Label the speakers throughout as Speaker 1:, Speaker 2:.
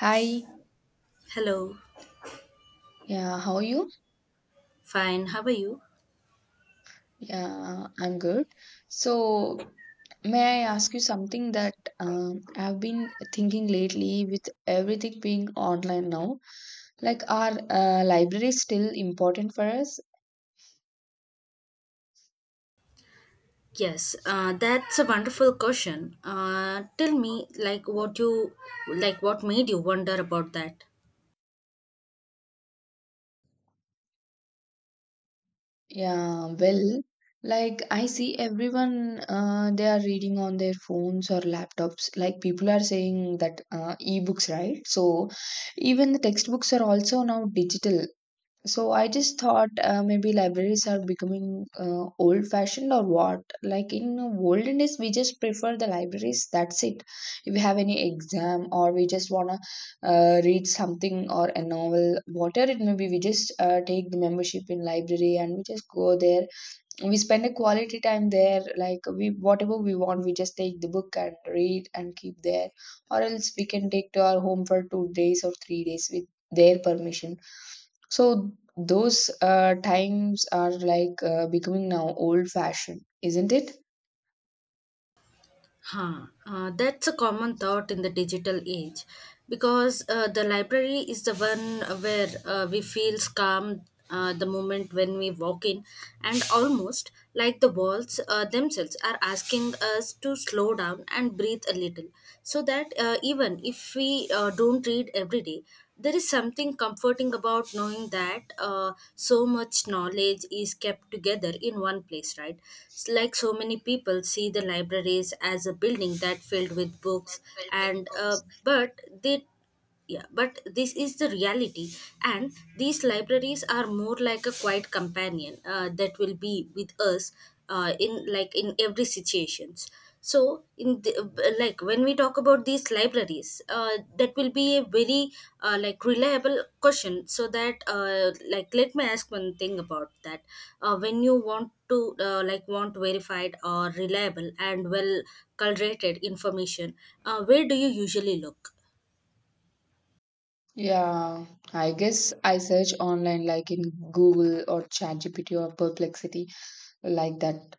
Speaker 1: Hi,
Speaker 2: Hello,
Speaker 1: yeah, how are you?
Speaker 2: fine. How are you?
Speaker 1: Yeah, I'm good. So, may I ask you something that I've been thinking lately with everything being online now? Like, are libraries still important for us?
Speaker 2: Yes, that's a wonderful question. Tell me, like, what made you wonder about that?
Speaker 1: Yeah, well, like I see everyone they are reading on their phones or laptops. Like people are saying that e-books, right? So, even the textbooks are also now digital. So I just thought maybe libraries are becoming old fashioned or what? Like in olden days, we just prefer the libraries. That's it. If we have any exam or we just wanna read something or a novel, whatever it may be, we just take the membership in library and we just go there. We spend a quality time there, like we, whatever we want, we just take the book and read and keep there, or else we can take to our home for 2 days or 3 days with their permission. So those times are like becoming now old fashioned, isn't it?
Speaker 2: Huh. That's a common thought in the digital age, because the library is the one where we feel calm the moment when we walk in, and almost like the walls themselves are asking us to slow down and breathe a little, so that even if we don't read every day, there is something comforting about knowing that so much knowledge is kept together in one place, right? It's like so many people see the libraries as a building that filled with books, and but they yeah, but this is the reality, and these libraries are more like a quiet companion that will be with us in every situations. So in the, like when we talk about these libraries, that will be a very like reliable question, so that like let me ask one thing about that. When you want to like want verified or reliable and well curated information, where do you usually look?
Speaker 1: Yeah, I guess I search online like in Google or ChatGPT or Perplexity, like that.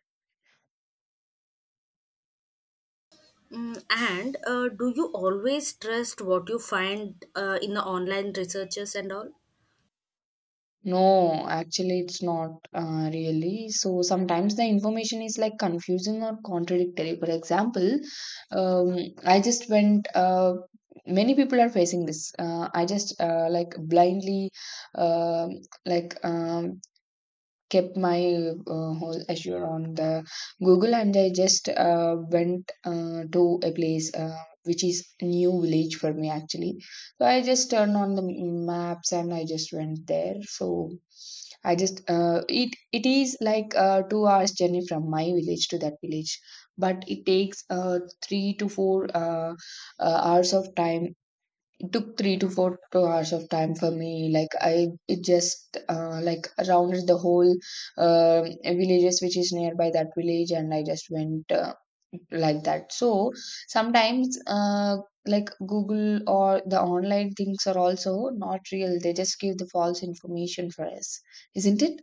Speaker 2: Mm, and do you always trust what you find in the online researches and all?
Speaker 1: No, actually, it's not really. So sometimes the information is like confusing or contradictory. For example, um, I just went. Many people are facing this. I just like blindly, um like kept my whole Azure on the Google, and I just went to a place which is new village for me actually. So I just turned on the maps and I just went there. So I just it is like 2 hours journey from my village to that village, but it takes three to four hours of time. It took three to four to hours of time for me. Like I, it just like rounded the whole uh, villages which is nearby that village, and I just went like that. So sometimes like Google or the online things are also not real. They just give the false information for us, isn't it?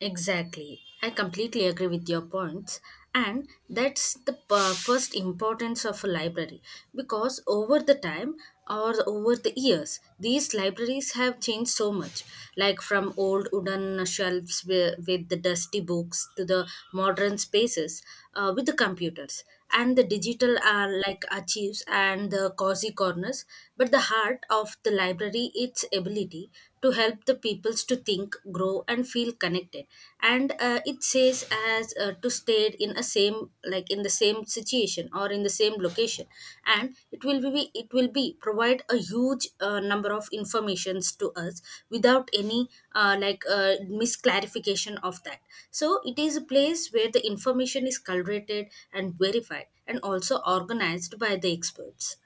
Speaker 2: Exactly. I completely agree with your points. And that's the first importance of a library, because over the time or over the years, these libraries have changed so much. Like from old wooden shelves with the dusty books to the modern spaces with the computers and the digital are like archives and the cozy corners, but the heart of the library, its ability to help the peoples to think, grow and feel connected. And it says as to stay in a same, like in the same situation or in the same location, and it will be provide a huge number of informations to us without any uh, like uh, misclarification of that. So it is a place where the information is curated and verified and also organized by the experts.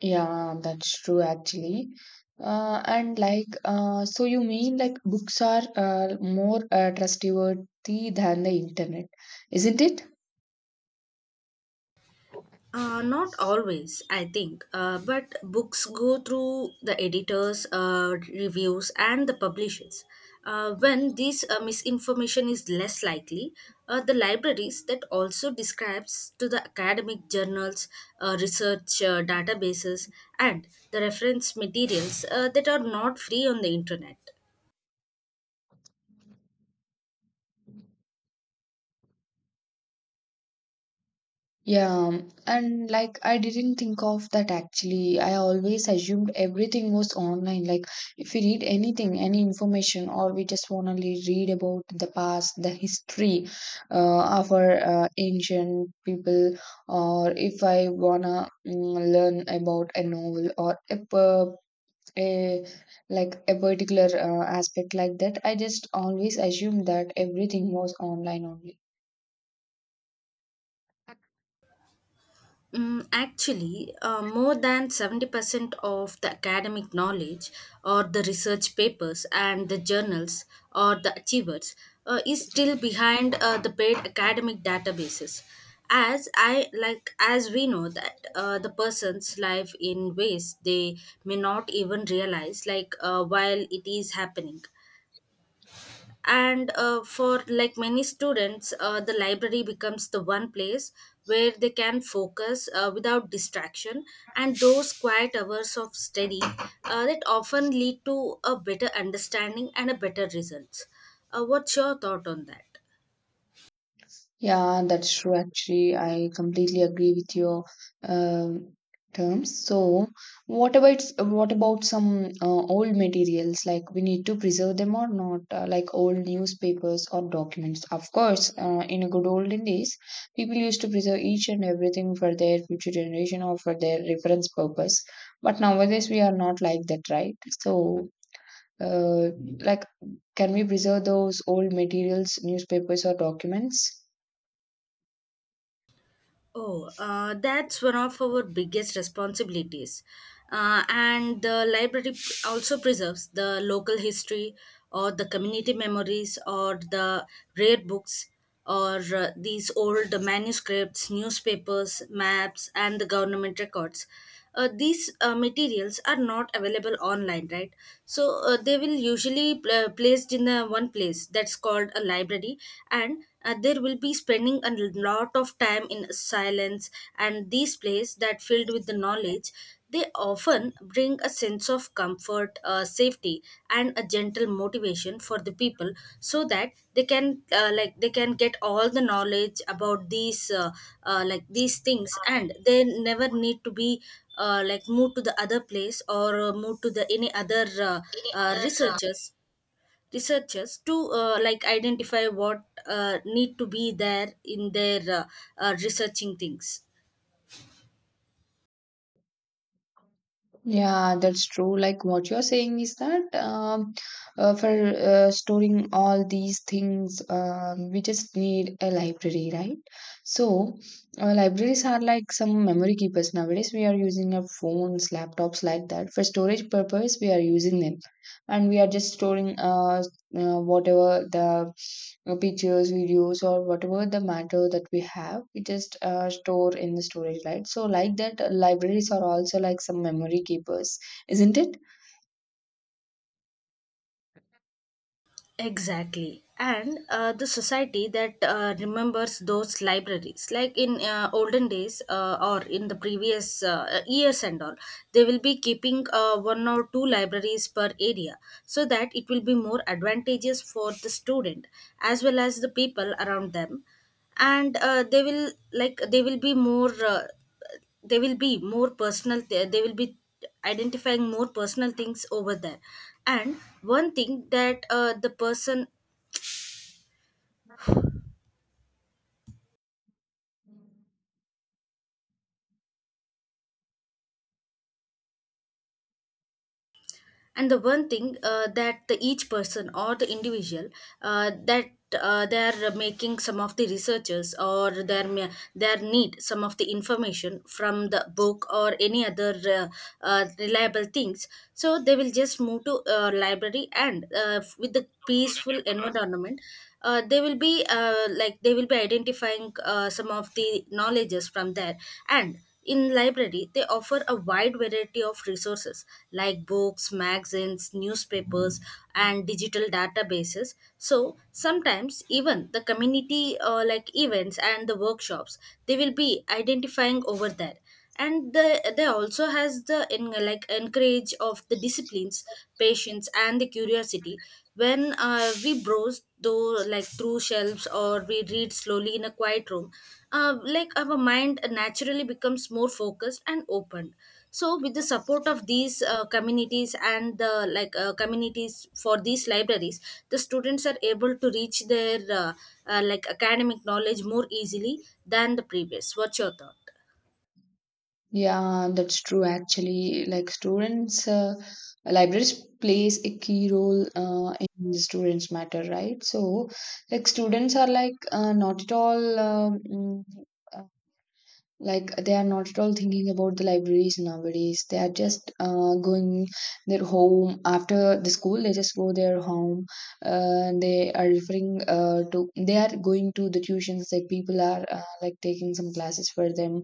Speaker 1: Yeah, that's true actually. And like, so you mean like books are more trustworthy than the internet, isn't it?
Speaker 2: Not always, I think. But books go through the editors, reviews, and the publishers. When this misinformation is less likely, the libraries that also describes to the academic journals, research databases, and the reference materials that are not free on the internet.
Speaker 1: Yeah, and like I didn't think of that actually. I always assumed everything was online. Like, if we read anything, any information, or we just want to read about the past, the history of our ancient people, or if I want to learn about a novel or a, a like a particular aspect like that, I just always assumed that everything was online only.
Speaker 2: Mm, actually, more than 70% of the academic knowledge or the research papers and the journals or the achievers is still behind the paid academic databases. As as we know that the person's life in ways they may not even realize, like while it is happening. And for like many students, the library becomes the one place where they can focus without distraction, and those quiet hours of study that often lead to a better understanding and a better results. What's your thought on that?
Speaker 1: Yeah, that's true. Actually, I completely agree with your um terms. So, what about some old materials? Like, we need to preserve them or not? Like old newspapers or documents. Of course, in a good olden days, people used to preserve each and everything for their future generation or for their reference purpose. But nowadays, we are not like that, right? So, uh, like, can we preserve those old materials, newspapers or documents?
Speaker 2: Oh, that's one of our biggest responsibilities. And the library also preserves the local history or the community memories or the rare books or these old manuscripts, newspapers, maps, and the government records. These materials are not available online, right? So they will usually placed in the one place that's called a library. And there will be spending a lot of time in silence, and these place that filled with the knowledge, they often bring a sense of comfort, safety and a gentle motivation for the people, so that they can they can get all the knowledge about these things. And they never need to be like move to the other place or move to the any other uh, researchers researchers to like identify what need to be there in their researching things.
Speaker 1: Yeah, that's true. Like what you're saying is that for storing all these things, we just need a library, right? So, libraries are like some memory keepers nowadays. We are using our phones, laptops, like that. For storage purpose, we are using them, and we are just storing whatever the pictures, videos, or whatever the matter that we have, we just store in the storage, right? So like that, libraries are also like some memory keepers, isn't it?
Speaker 2: Exactly. And the society that remembers those libraries, like in olden days or in the previous years and all, they will be keeping one or two libraries per area, so that it will be more advantageous for the student as well as the people around them. And they will be more they will be more personal, they will be identifying more personal things over there. And one thing that the person and the one thing that the each person or the individual that they are making some of the researchers, or they are they are need some of the information from the book or any other reliable things. So they will just move to library, and with the peaceful environment they will be they will be identifying some of the knowledges from there. And in library, they offer a wide variety of resources like books, magazines, newspapers, and digital databases. So sometimes even the community like events and the workshops they will be identifying over there. And the, they also has the in, like encourage of the disciplines, patience, and the curiosity. When we browse though like through shelves, or we read slowly in a quiet room, like our mind naturally becomes more focused and open. So with the support of these communities and the communities for these libraries, the students are able to reach their like academic knowledge more easily than the previous. What's your thought?
Speaker 1: Yeah, that's true actually. Like students, libraries plays a key role in the students' matter, right? So, like students are like not at all uh, like they are not at all thinking about the libraries nowadays. They are just going their home after the school, they just go their home. They are referring to, they are going to the tuitions, like people are like taking some classes for them.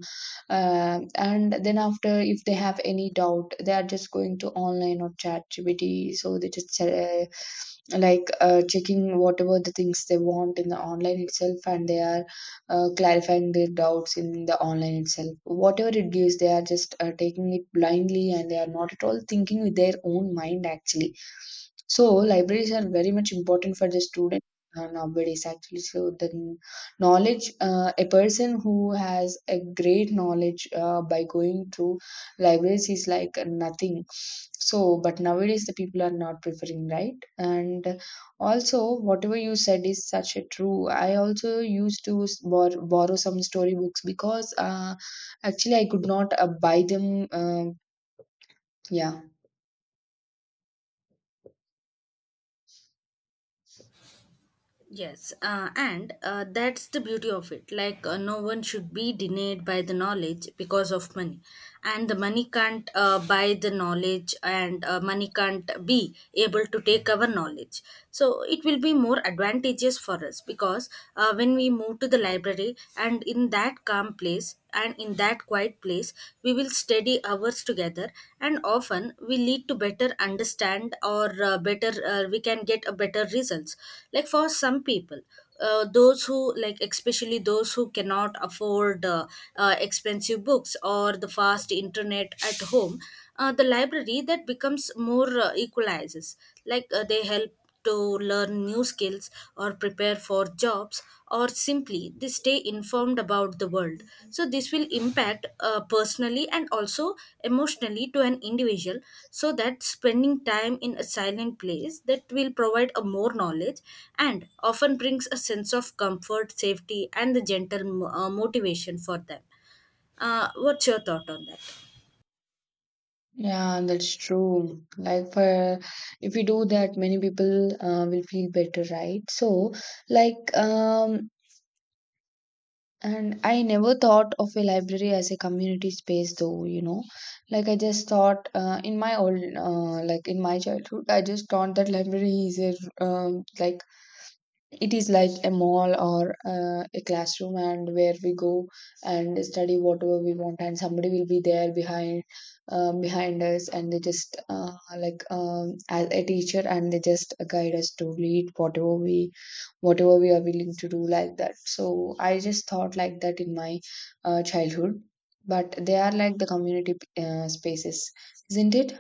Speaker 1: And then after, if they have any doubt, they are just going to online or chat gpt, so they just like checking whatever the things they want in the online itself, and they are clarifying their doubts in the online itself. Whatever it gives, they are just taking it blindly and they are not at all thinking with their own mind actually. So libraries are very much important for the student nowadays actually. So the knowledge, a person who has a great knowledge by going through libraries is like nothing. So, but nowadays the people are not preferring, right? And also, whatever you said is such a true. I also used to borrow some storybooks because actually I could not buy them. Yeah,
Speaker 2: Yes, and that's the beauty of it. Like, no one should be denied by the knowledge because of money. And the money can't buy the knowledge, and money can't be able to take our knowledge. So, it will be more advantageous for us, because when we move to the library and in that calm place, and in that quiet place, we will study hours together, and often we lead to better understand or better we can get a better results. Like for some people, those who like especially those who cannot afford expensive books or the fast internet at home, the library that becomes more equalizes. Like they help to learn new skills or prepare for jobs, or simply they stay informed about the world. So this will impact personally and also emotionally to an individual, so that spending time in a silent place that will provide a more knowledge, and often brings a sense of comfort, safety and the motivation for them. What's your thought on that?
Speaker 1: yeah, that's true. Like for, if we do that, many people will feel better, right? So, like, and I never thought of a library as a community space, though. You know, like I just thought in my old, like in my childhood, I just thought that library is a like it is like a mall or a classroom, and where we go and study whatever we want, and somebody will be there behind behind us, and they just like as a teacher, and they just guide us to lead whatever we, whatever we are willing to do, like that. So I just thought like that in my childhood. But they are like the community spaces, isn't it?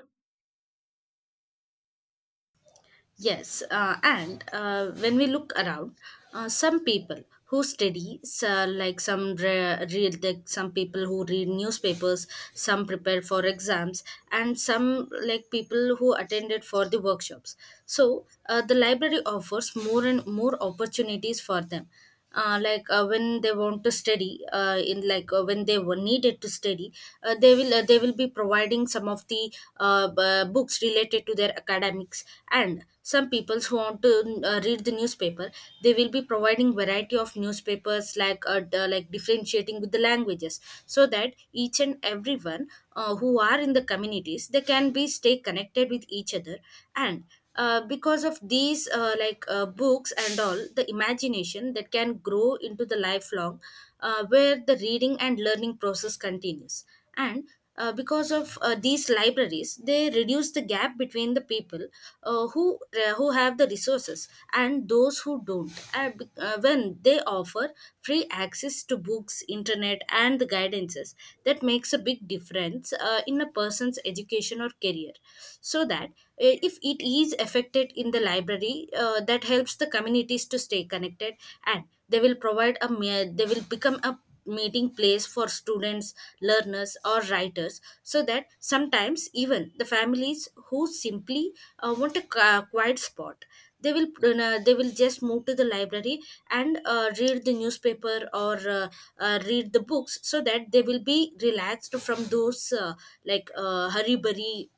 Speaker 2: Yes, and when we look around, some people who study, so like some people who read newspapers, some prepare for exams, and some like people who attended for the workshops. So the library offers more and more opportunities for them. When they want to study in like when they were needed to study, they will be providing some of the books related to their academics. And some people who want to read the newspaper, they will be providing variety of newspapers, like like differentiating with the languages, so that each and everyone who are in the communities, they can be stay connected with each other. And because of these books and all, the imagination that can grow into the lifelong, where the reading and learning process continues. And because of these libraries, they reduce the gap between the people who have the resources and those who don't. And, when they offer free access to books, internet and the guidances, that makes a big difference in a person's education or career, so that if it is affected in the library, that helps the communities to stay connected. And they will provide a they will become a meeting place for students, learners or writers, so that sometimes even the families who simply want a quiet spot, they will they will just move to the library and read the newspaper or read the books, so that they will be relaxed from those hurry burry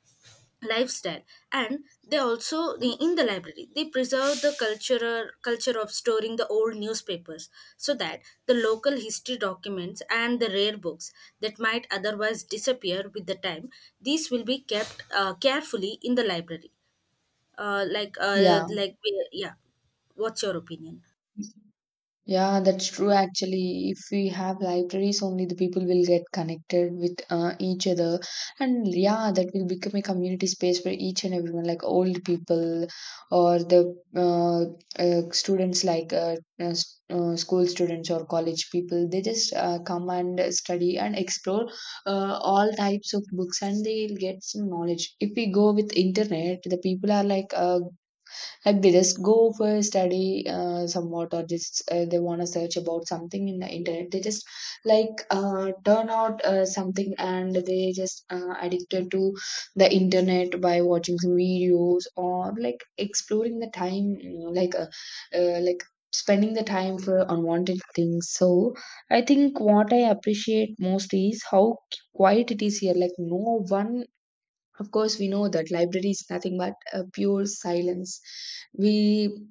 Speaker 2: lifestyle. And they also in the library, they preserve the cultural culture of storing the old newspapers, so that the local history documents and the rare books that might otherwise disappear with the time, these will be kept carefully in the library, uh, like uh,
Speaker 1: Yeah.
Speaker 2: like yeah. What's your opinion?
Speaker 1: Yeah, that's true actually. If we have libraries, only the people will get connected with each other. And yeah, that will become a community space for each and everyone, like old people or the students, like school students or college people. They just come and study and explore all types of books and they'll get some knowledge. If we go with internet, the people are like they just go for study somewhat, or just they want to search about something in the internet, they just like turn out something, and they just addicted to the internet by watching some videos or like exploring the time, like uh, like spending the time for unwanted things. So I think what I appreciate most is how quiet it is here, like no one. Of course, we know that library is nothing but a pure silence. We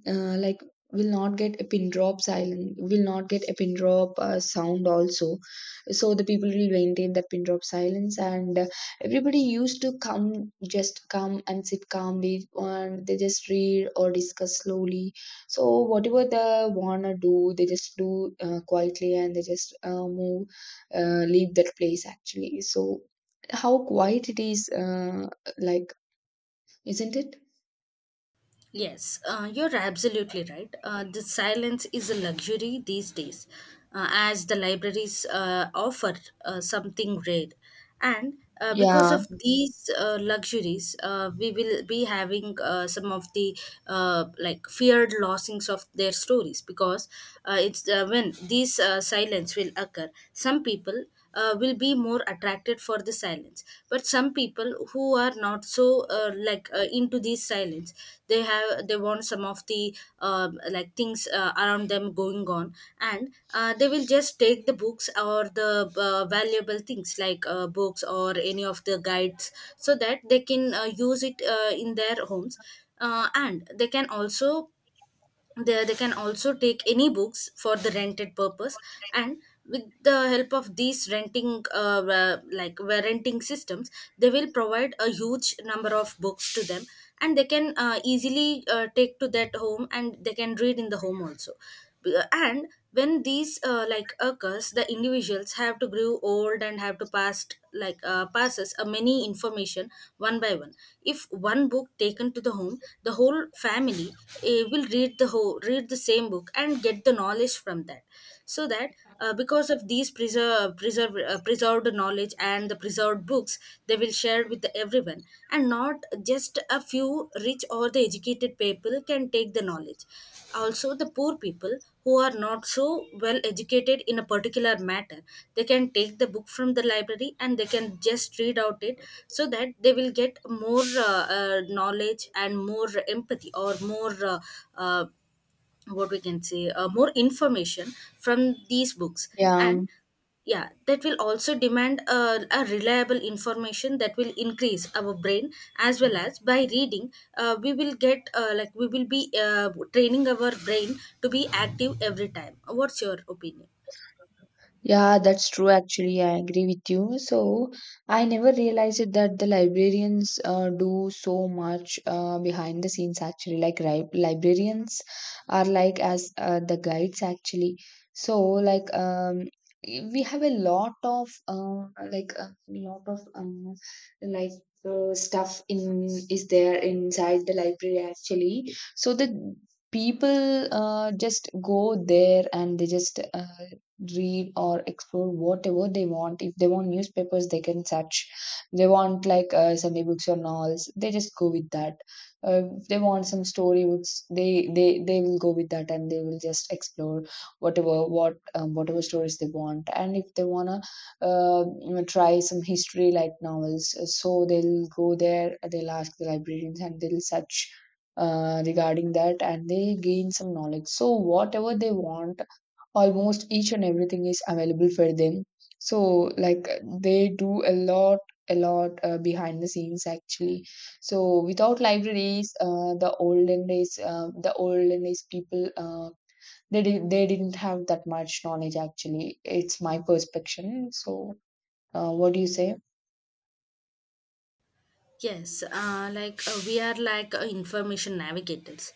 Speaker 1: uh, like will not get a pin drop silent, will not get a pin drop sound also. So the people will maintain that pin drop silence, and everybody used to come, just come and sit calmly, and they just read or discuss slowly. So whatever they wanna do, they just do quietly, and they just move, leave that place actually. So how quiet it is, like isn't it?
Speaker 2: Yes, you're absolutely right. The silence is a luxury these days, as the libraries offer something rare. And because
Speaker 1: Yeah.
Speaker 2: of these luxuries, we will be having some of the like feared losings of their stories because it's when these silence will occur. Some people will be more attracted for the silence, but some people who are not so into these silence, they want some of the things around them going on. And they will just take the books or the valuable things like books or any of the guides, so that they can use it in their homes. Uh, and they can also, there they can also take any books for the rented purpose. And with the help of these renting renting systems, they will provide a huge number of books to them, and they can easily take to that home and they can read in the home also. And when these like occurs, the individuals have to grow old and have to pass, passes a many information one by one. If one book taken to the home, the whole family will read the whole read the same book and get the knowledge from that. So that because of these preserved knowledge and the preserved books, they will share with everyone, and not just a few rich or the educated people can take the knowledge. Also, the poor people who are not so well educated in a particular matter, they can take the book from the library and they can just read out it, so that they will get more knowledge and more empathy or more uh, what we can say more information from these books.
Speaker 1: Yeah.
Speaker 2: And yeah, that will also demand a reliable information that will increase our brain as well, as by reading we will get we will be training our brain to be active every time. What's your opinion?
Speaker 1: Yeah, that's true. Actually, I agree with you. So, I never realized it that the librarians do so much behind the scenes, actually. Like, librarians are like as the guides, actually. So, like, we have a lot of like a lot of like stuff in is there inside the library actually. So the people just go there and they just read or explore whatever they want. If they want newspapers, they can search. They want like Sunday books or novels, they just go with that. If they want some story books, they will go with that and they will just explore whatever, whatever stories they want. And if they wanna you know, try some history like novels, so they'll go there. They'll ask the librarians and they'll search regarding that and they gain some knowledge. So whatever they want, almost each and everything is available for them. So like, they do a lot, a lot behind the scenes actually. So without libraries the olden days people they didn't have that much knowledge actually, it's my perception. So what do you say?
Speaker 2: Yes, we are like information navigators,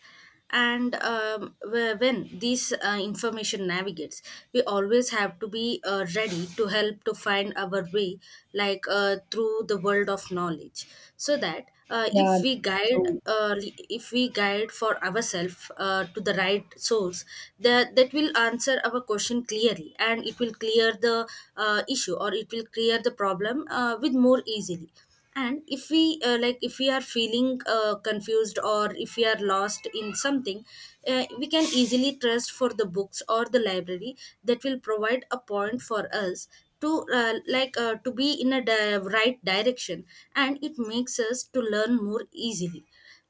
Speaker 2: and when these information navigates, we always have to be ready to help to find our way, through the world of knowledge, so that
Speaker 1: Yeah,
Speaker 2: if we
Speaker 1: true.
Speaker 2: if we guide for ourselves to the right source, that will answer our question clearly, and it will clear the issue, or it will clear the problem with more easily. And if we if we are feeling confused, or if we are lost in something, we can easily trust for the books or the library that will provide a point for us to to be in a right direction, and it makes us to learn more easily.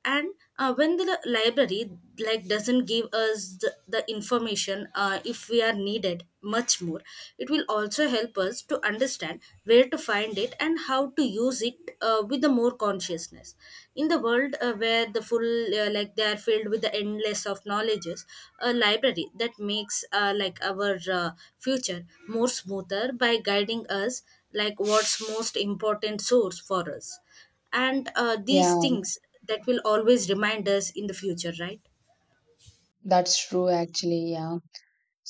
Speaker 2: And when the library like doesn't give us the information, if we are needed much more, it will also help us to understand where to find it and how to use it with the more consciousness. In the world where the full they are filled with the endless of knowledges, a library that makes our future more smoother by guiding us like what's most important source for us. And these
Speaker 1: Yeah,
Speaker 2: things that will always remind us in the future, right?
Speaker 1: that's true actually. Yeah.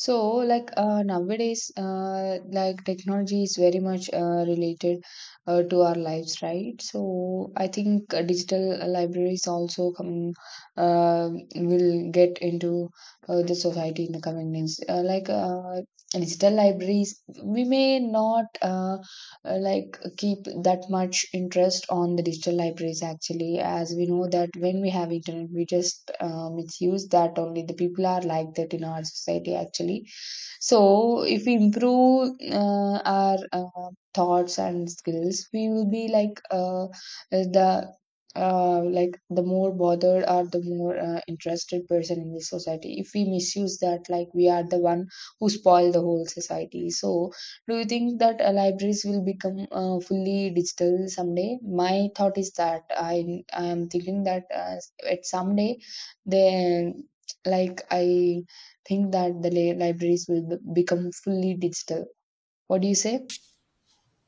Speaker 1: So, like nowadays, like technology is very much related to our lives, right? So, I think digital libraries also coming uh, will get into the society in the coming days. Like digital libraries, we may not. Like keep that much interest on the digital libraries actually. As we know that when we have internet we just misuse that, only the people are like that in our society actually. So if we improve our thoughts and skills we will be like the like the more bothered or the more interested person in this society. If we misuse that, like, we are the one who spoil the whole society. So do you think that libraries will become fully digital someday? My thought is that I am thinking that at someday, then, like, I think that the libraries will become fully digital. What do you say?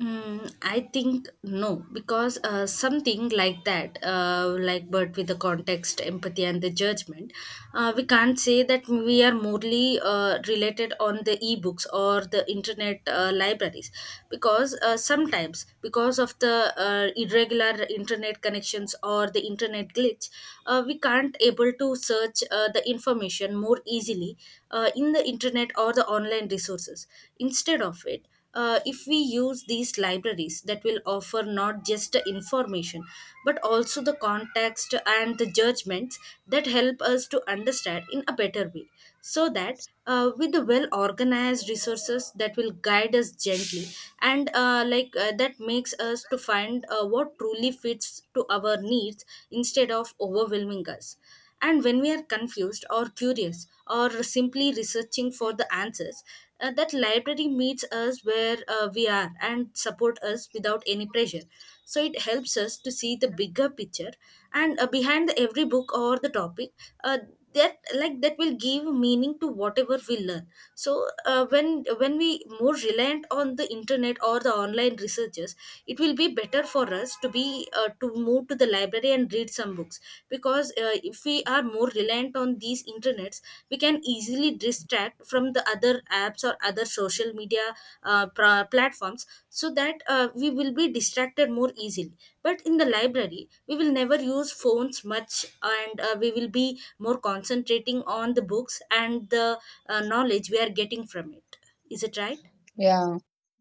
Speaker 2: Mm, I think no, because something like that, but with the context, empathy, and the judgment, we can't say that we are morally related on the ebooks or the internet libraries, because sometimes because of the irregular internet connections or the internet glitch, we can't able to search the information more easily in the internet or the online resources. Instead of it, if we use these libraries that will offer not just the information but also the context and the judgments, that help us to understand in a better way, so that with the well organized resources that will guide us gently, and that makes us to find what truly fits to our needs instead of overwhelming us. And when we are confused or curious or simply researching for the answers, that library meets us where we are and support us without any pressure. So it helps us to see the bigger picture, and behind every book or the topic, uh, that like that will give meaning to whatever we learn. So when we more reliant on the internet or the online researches, it will be better for us to be to move to the library and read some books, because if we are more reliant on these internets, we can easily distract from the other apps or other social media platforms, so that we will be distracted more easily. But in the library we will never use phones much, and we will be more concentrating on the books and the knowledge we are getting from it. Is it right?
Speaker 1: Yeah.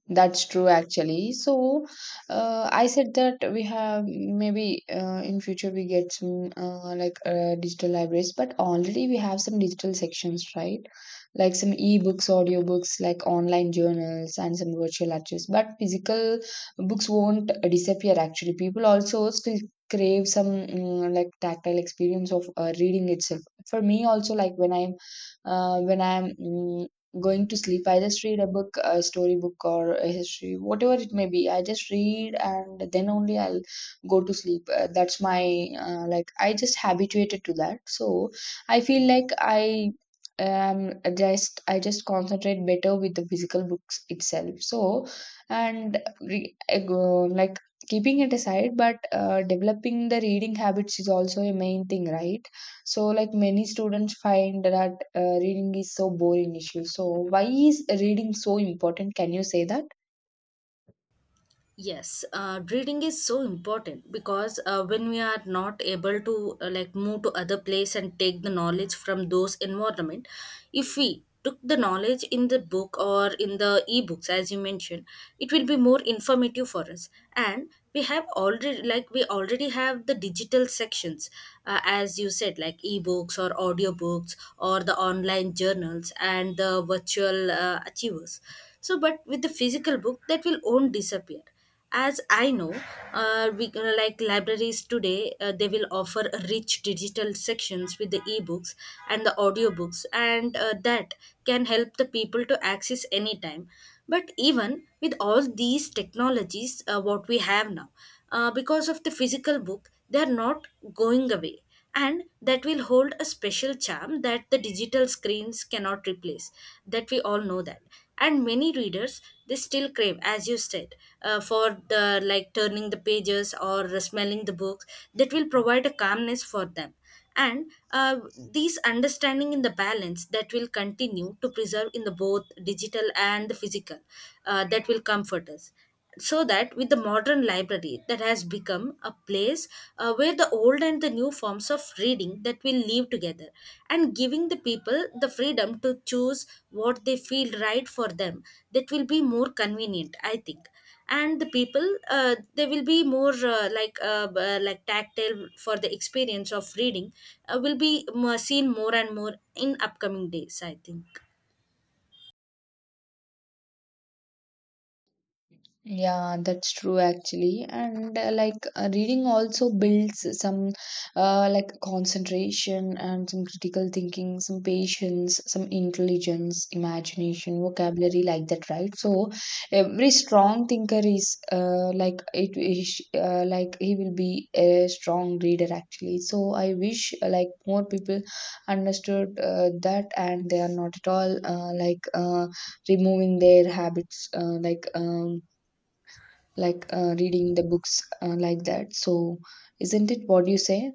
Speaker 1: That's true, actually. So, I said that we have maybe in future we get some digital libraries, but already we have some digital sections, right? Like some ebooks, audiobooks, like online journals, and some virtual archives. But physical books won't disappear, actually. People also still crave some like tactile experience of reading itself. For me, also, like when I'm going to sleep, I just read a book, a storybook or a history, whatever it may be, I just read and then only I'll go to sleep. That's my like I just habituated to that. So I feel like I just concentrate better with the physical books itself. So and like keeping it aside, but developing the reading habits is also a main thing, right? So, like, many students find that reading is so boring issue. So, why is reading so important? Can you say that?
Speaker 2: Yes, reading is so important, because when we are not able to move to other place and take the knowledge from those environment, if we took the knowledge in the book or in the ebooks as you mentioned, it will be more informative for us. And we have already like we already have the digital sections, as you said, like ebooks or audiobooks or the online journals and the virtual achievers. So but with the physical book, that will won't disappear. As I know, we libraries today, they will offer a rich digital sections with the ebooks and the audiobooks, and that can help the people to access anytime. But even with all these technologies, what we have now, because of the physical book, they are not going away, and that will hold a special charm that the digital screens cannot replace, that we all know that. And many readers, they still crave, as you said, for the like turning the pages or smelling the books, that will provide a calmness for them. And these understanding in the balance, that will continue to preserve in the both digital and the physical, that will comfort us, so that with the modern library that has become a place where the old and the new forms of reading that will live together, and giving the people the freedom to choose what they feel right for them, that will be more convenient, I think. And the people, they will be more like tactile for the experience of reading, will be more, seen more and more in upcoming days, I think.
Speaker 1: Yeah, that's true actually. And reading also builds some like concentration and some critical thinking, some patience, some intelligence, imagination, vocabulary, like that, right? So every strong thinker is like it is like he will be a strong reader actually. So I wish like more people understood that, and they are not at all removing their habits reading the books like that. So, isn't it what you say?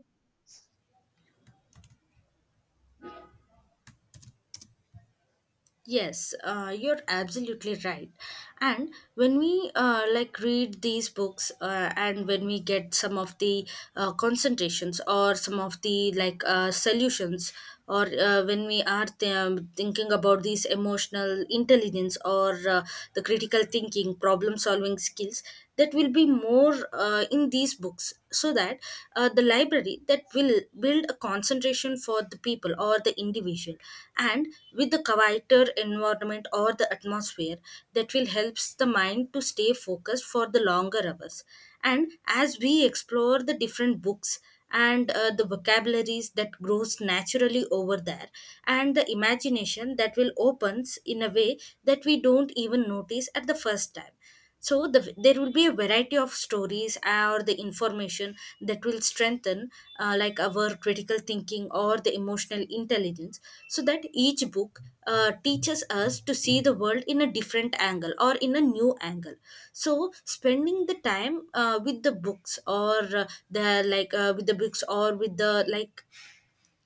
Speaker 2: Yes, you're absolutely right. And when we read these books, and when we get some of the concentrations, or some of the solutions, or when we are thinking about these emotional intelligence, or the critical thinking, problem solving skills, that will be more in these books, so that the library that will build a concentration for the people or the individual. And with the quieter environment or the atmosphere, that will helps the mind to stay focused for the longer hours. And as we explore the different books, and the vocabularies that grows naturally over there, and the imagination that will opens in a way that we don't even notice at the first time. So there will be a variety of stories or the information that will strengthen our critical thinking or the emotional intelligence, so that each book teaches us to see the world in a different angle or in a new angle. So spending the time with the books, or the like with the books, or with the like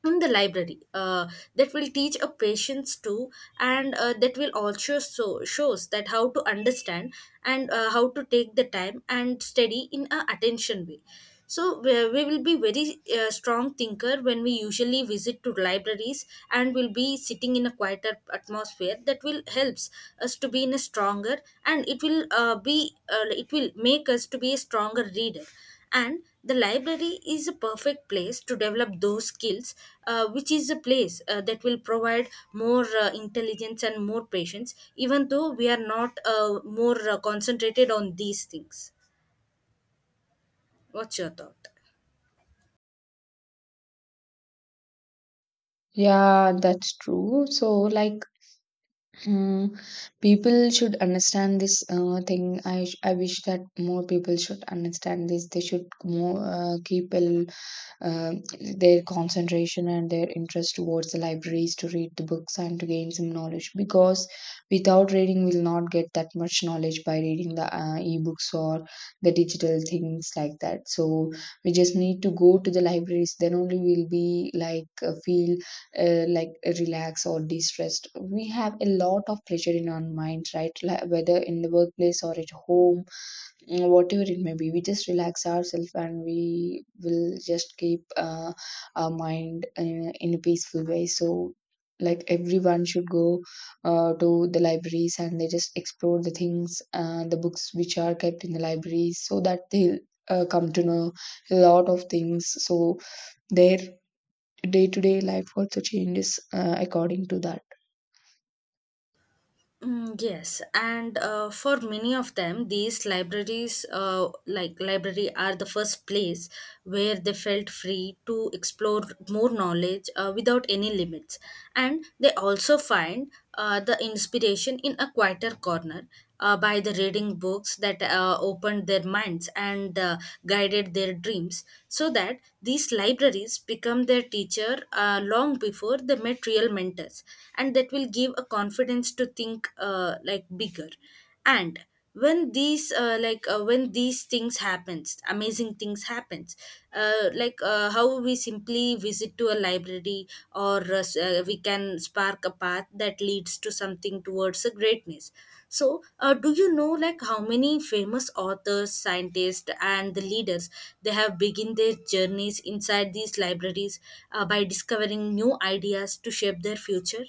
Speaker 2: in the library, that will teach a patience too. And that will also so shows that how to understand, and how to take the time and study in a attention way. So we will be very strong thinker when we usually visit to libraries, and will be sitting in a quieter atmosphere, that will helps us to be in a stronger, and it will be it will make us to be a stronger reader. And the library is a perfect place to develop those skills, which is a place that will provide more intelligence and more patience, even though we are not more concentrated on these things. What's your thought?
Speaker 1: Yeah, that's true. So, like, mm, people should understand this thing. I wish that more people should understand this. They should more keep a um, their concentration and their interest towards the libraries to read the books and to gain some knowledge, because without reading we'll not get that much knowledge by reading the ebooks or the digital things like that. So we just need to go to the libraries, then only we'll be like feel like relaxed or distressed. We have a lot of pleasure in our minds, right? Whether in the workplace or at home. Mm, whatever it may be, we just relax ourselves and we will just keep our mind in a peaceful way. So like everyone should go to the libraries and they just explore the things, the books which are kept in the libraries, so that they'll come to know a lot of things. So their day-to-day life also changes according to that.
Speaker 2: Mm, yes, and for many of them, these libraries, library, are the first place where they felt free to explore more knowledge without any limits. And they also find the inspiration in a quieter corner by the reading books that opened their minds and guided their dreams, so that these libraries become their teacher long before they met real mentors, and that will give a confidence to think like bigger and when these like when these things happens amazing things happens how we simply visit to a library or we can spark a path that leads to something towards a greatness. So do you know like how many famous authors scientists and the leaders they have begin their journeys inside these libraries by discovering new ideas to shape their future.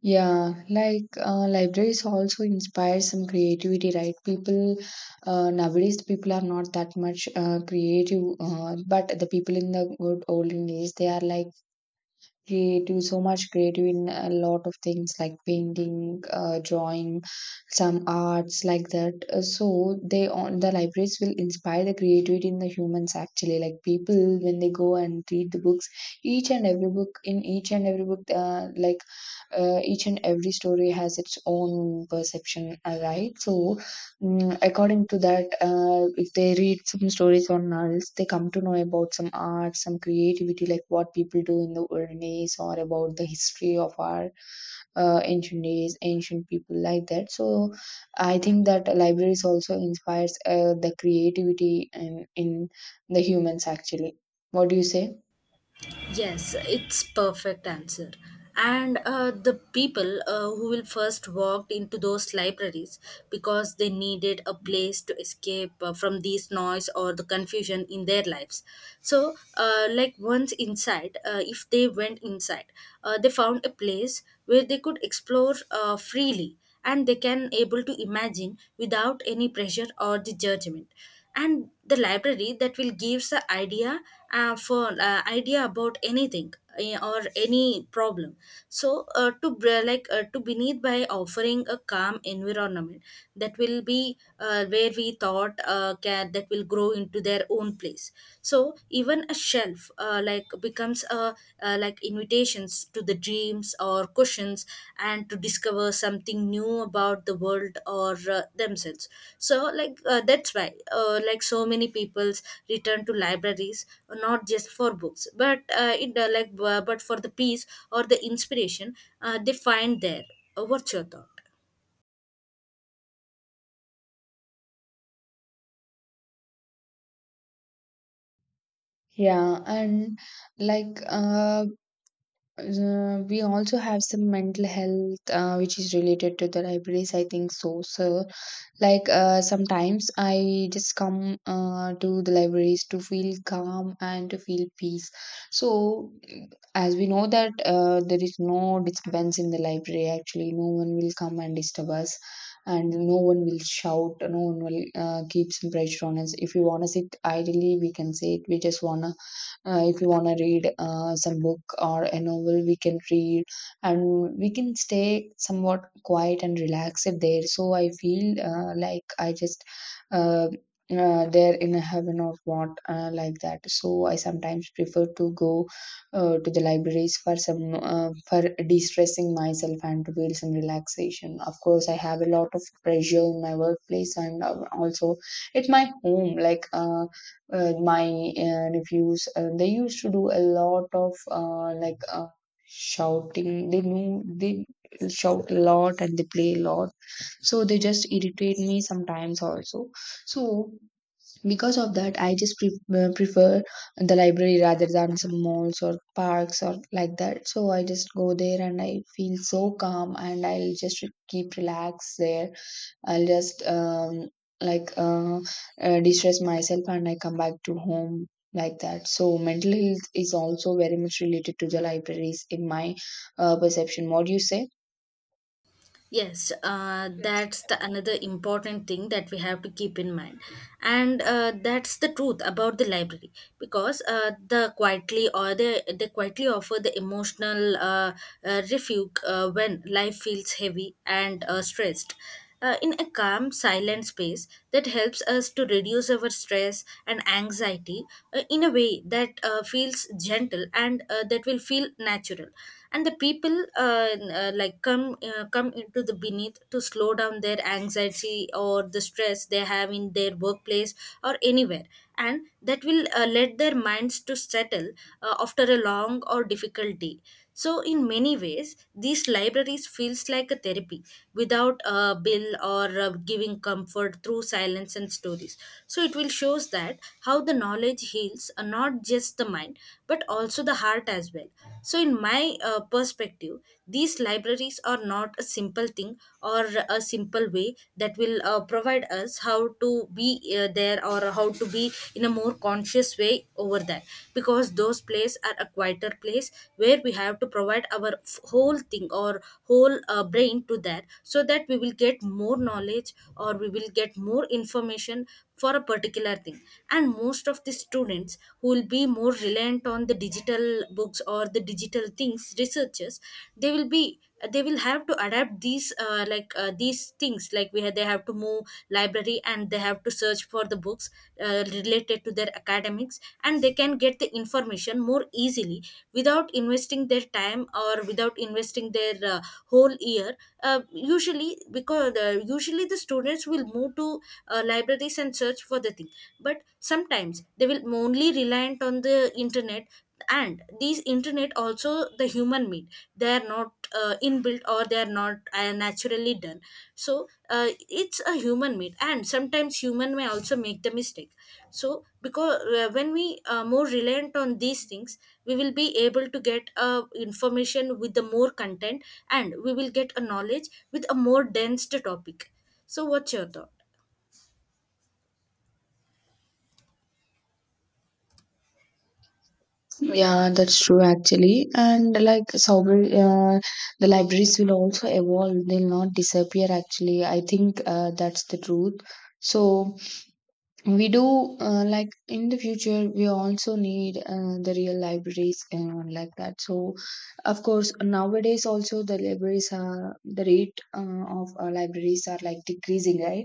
Speaker 1: Yeah, like libraries also inspire some creativity, right? People nowadays, the people are not that much creative, but the people in the good olden days, they are like creative, so much creative in a lot of things like painting, drawing, some arts like that. So they on the libraries will inspire the creativity in the humans actually. Like people when they go and read the books, each and every book, in each and every book, like each and every story has its own perception, right? So according to that, if they read some stories or novels they come to know about some art, some creativity, like what people do in the olden days, or about the history of our ancient days, ancient people, like that. So I think that libraries also inspires the creativity in the humans actually. What do you say?
Speaker 2: Yes, it's perfect answer. And the people who will first walked into those libraries because they needed a place to escape from these noise or the confusion in their lives. So, like once inside, if they went inside, they found a place where they could explore freely and they can able to imagine without any pressure or the judgment, and the library that will gives the idea for idea about anything, or any problem. So to br- like to beneath by offering a calm environment that will be where we thought can that will grow into their own place. So even a shelf like becomes a like invitations to the dreams or questions, and to discover something new about the world or themselves. So that's why so many people's return to libraries not just for books but but for the peace or the inspiration they find there. What's your thought?
Speaker 1: Yeah, and like uh we also have some mental health which is related to the libraries, I think so. So like sometimes I just come to the libraries to feel calm and to feel peace. So as we know that there is no disturbance in the library, actually, no one will come and disturb us, and no one will shout, no one will keep some pressure on us. If we want to sit idly we can sit, we just want to if you want to read some book or a novel we can read, and we can stay somewhat quiet and relaxed there. So I feel like I just uh, there in a heaven or what, like that. So I sometimes prefer to go to the libraries for some for de-stressing myself and to feel some relaxation. Of course I have a lot of pressure in my workplace and also at my home, like my reviews they used to do a lot of shouting. They know, they shout a lot and they play a lot, so they just irritate me sometimes also. So because of that I just prefer the library rather than some malls or parks or like that. So I just go there and I feel so calm and I'll just keep relaxed there. I'll just like uh, distress myself and I come back to home, like that. So mental health is also very much related to the libraries in my perception. What do you say?
Speaker 2: Yes, that's the another important thing that we have to keep in mind, and that's the truth about the library, because the quietly or they quietly offer the emotional refuge when life feels heavy and stressed in a calm, silent space that helps us to reduce our stress and anxiety in a way that feels gentle and that will feel natural. And the people come into the beneath to slow down their anxiety or the stress they have in their workplace or anywhere, and that will let their minds to settle after a long or difficult day. So in many ways these libraries feels like a therapy without a bill, or giving comfort through silence and stories. So it will shows that how the knowledge heals not just the mind but also the heart as well. So in my perspective, these libraries are not a simple thing or a simple way that will provide us how to be there or how to be in a more conscious way over there, because those places are a quieter place where we have to provide our whole thing or whole brain to that, so that we will get more knowledge or we will get more information for a particular thing. And most of the students who will be more reliant on the digital books or the digital things researchers, they will be, they will have to adapt these these things like we have, they have to move library and they have to search for the books related to their academics, and they can get the information more easily without investing their time or without investing their whole year. Usually the students will move to libraries and search for the thing, but sometimes they will only reliant on the internet, and these internet also the human made, they are not inbuilt or they are not naturally done. So it's a human made, and sometimes human may also make the mistake. So because when we are more reliant on these things, we will be able to get information with the more content, and we will get a knowledge with a more dense topic. So what's your thought?
Speaker 1: Yeah, that's true actually. And like Sauber, the libraries will also evolve, they'll not disappear actually. I think that's the truth. So, we do like in the future we also need the real libraries and all like that. So of course nowadays also the libraries are the rate of libraries are like decreasing, right?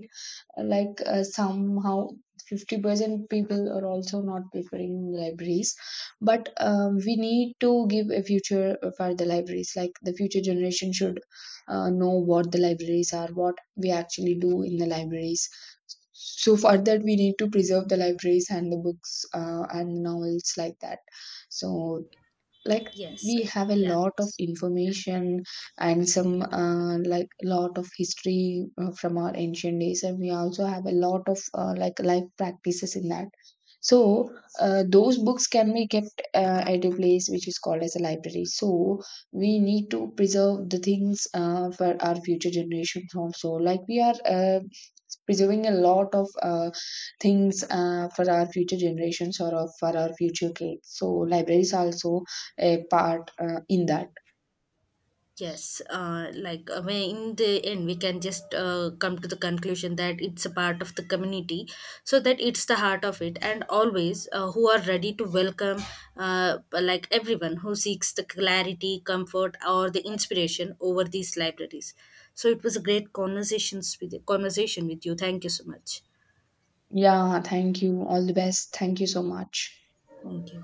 Speaker 1: Like somehow 50% people are also not preferring libraries. But we need to give a future for the libraries, like the future generation should know what the libraries are, what we actually do in the libraries. So for that we need to preserve the libraries and the books and novels, like that. So, like,
Speaker 2: Yes,
Speaker 1: we have a
Speaker 2: yeah,
Speaker 1: lot of information and some like lot of history from our ancient days, and we also have a lot of like life practices in that. So those books can be kept at a place which is called as a library. So we need to preserve the things for our future generations also, like we are preserving a lot of things for our future generations for our future kids. So libraries also a part in that.
Speaker 2: yes. Like I mean, in the end, we can just come to the conclusion that it's a part of the community, so that it's the heart of it, and always who are ready to welcome, like everyone who seeks the clarity, comfort, or the inspiration over these libraries. So it was a great conversation with you. Thank you so much.
Speaker 1: Yeah, thank you. All the best. Thank you so much.
Speaker 2: Thank you.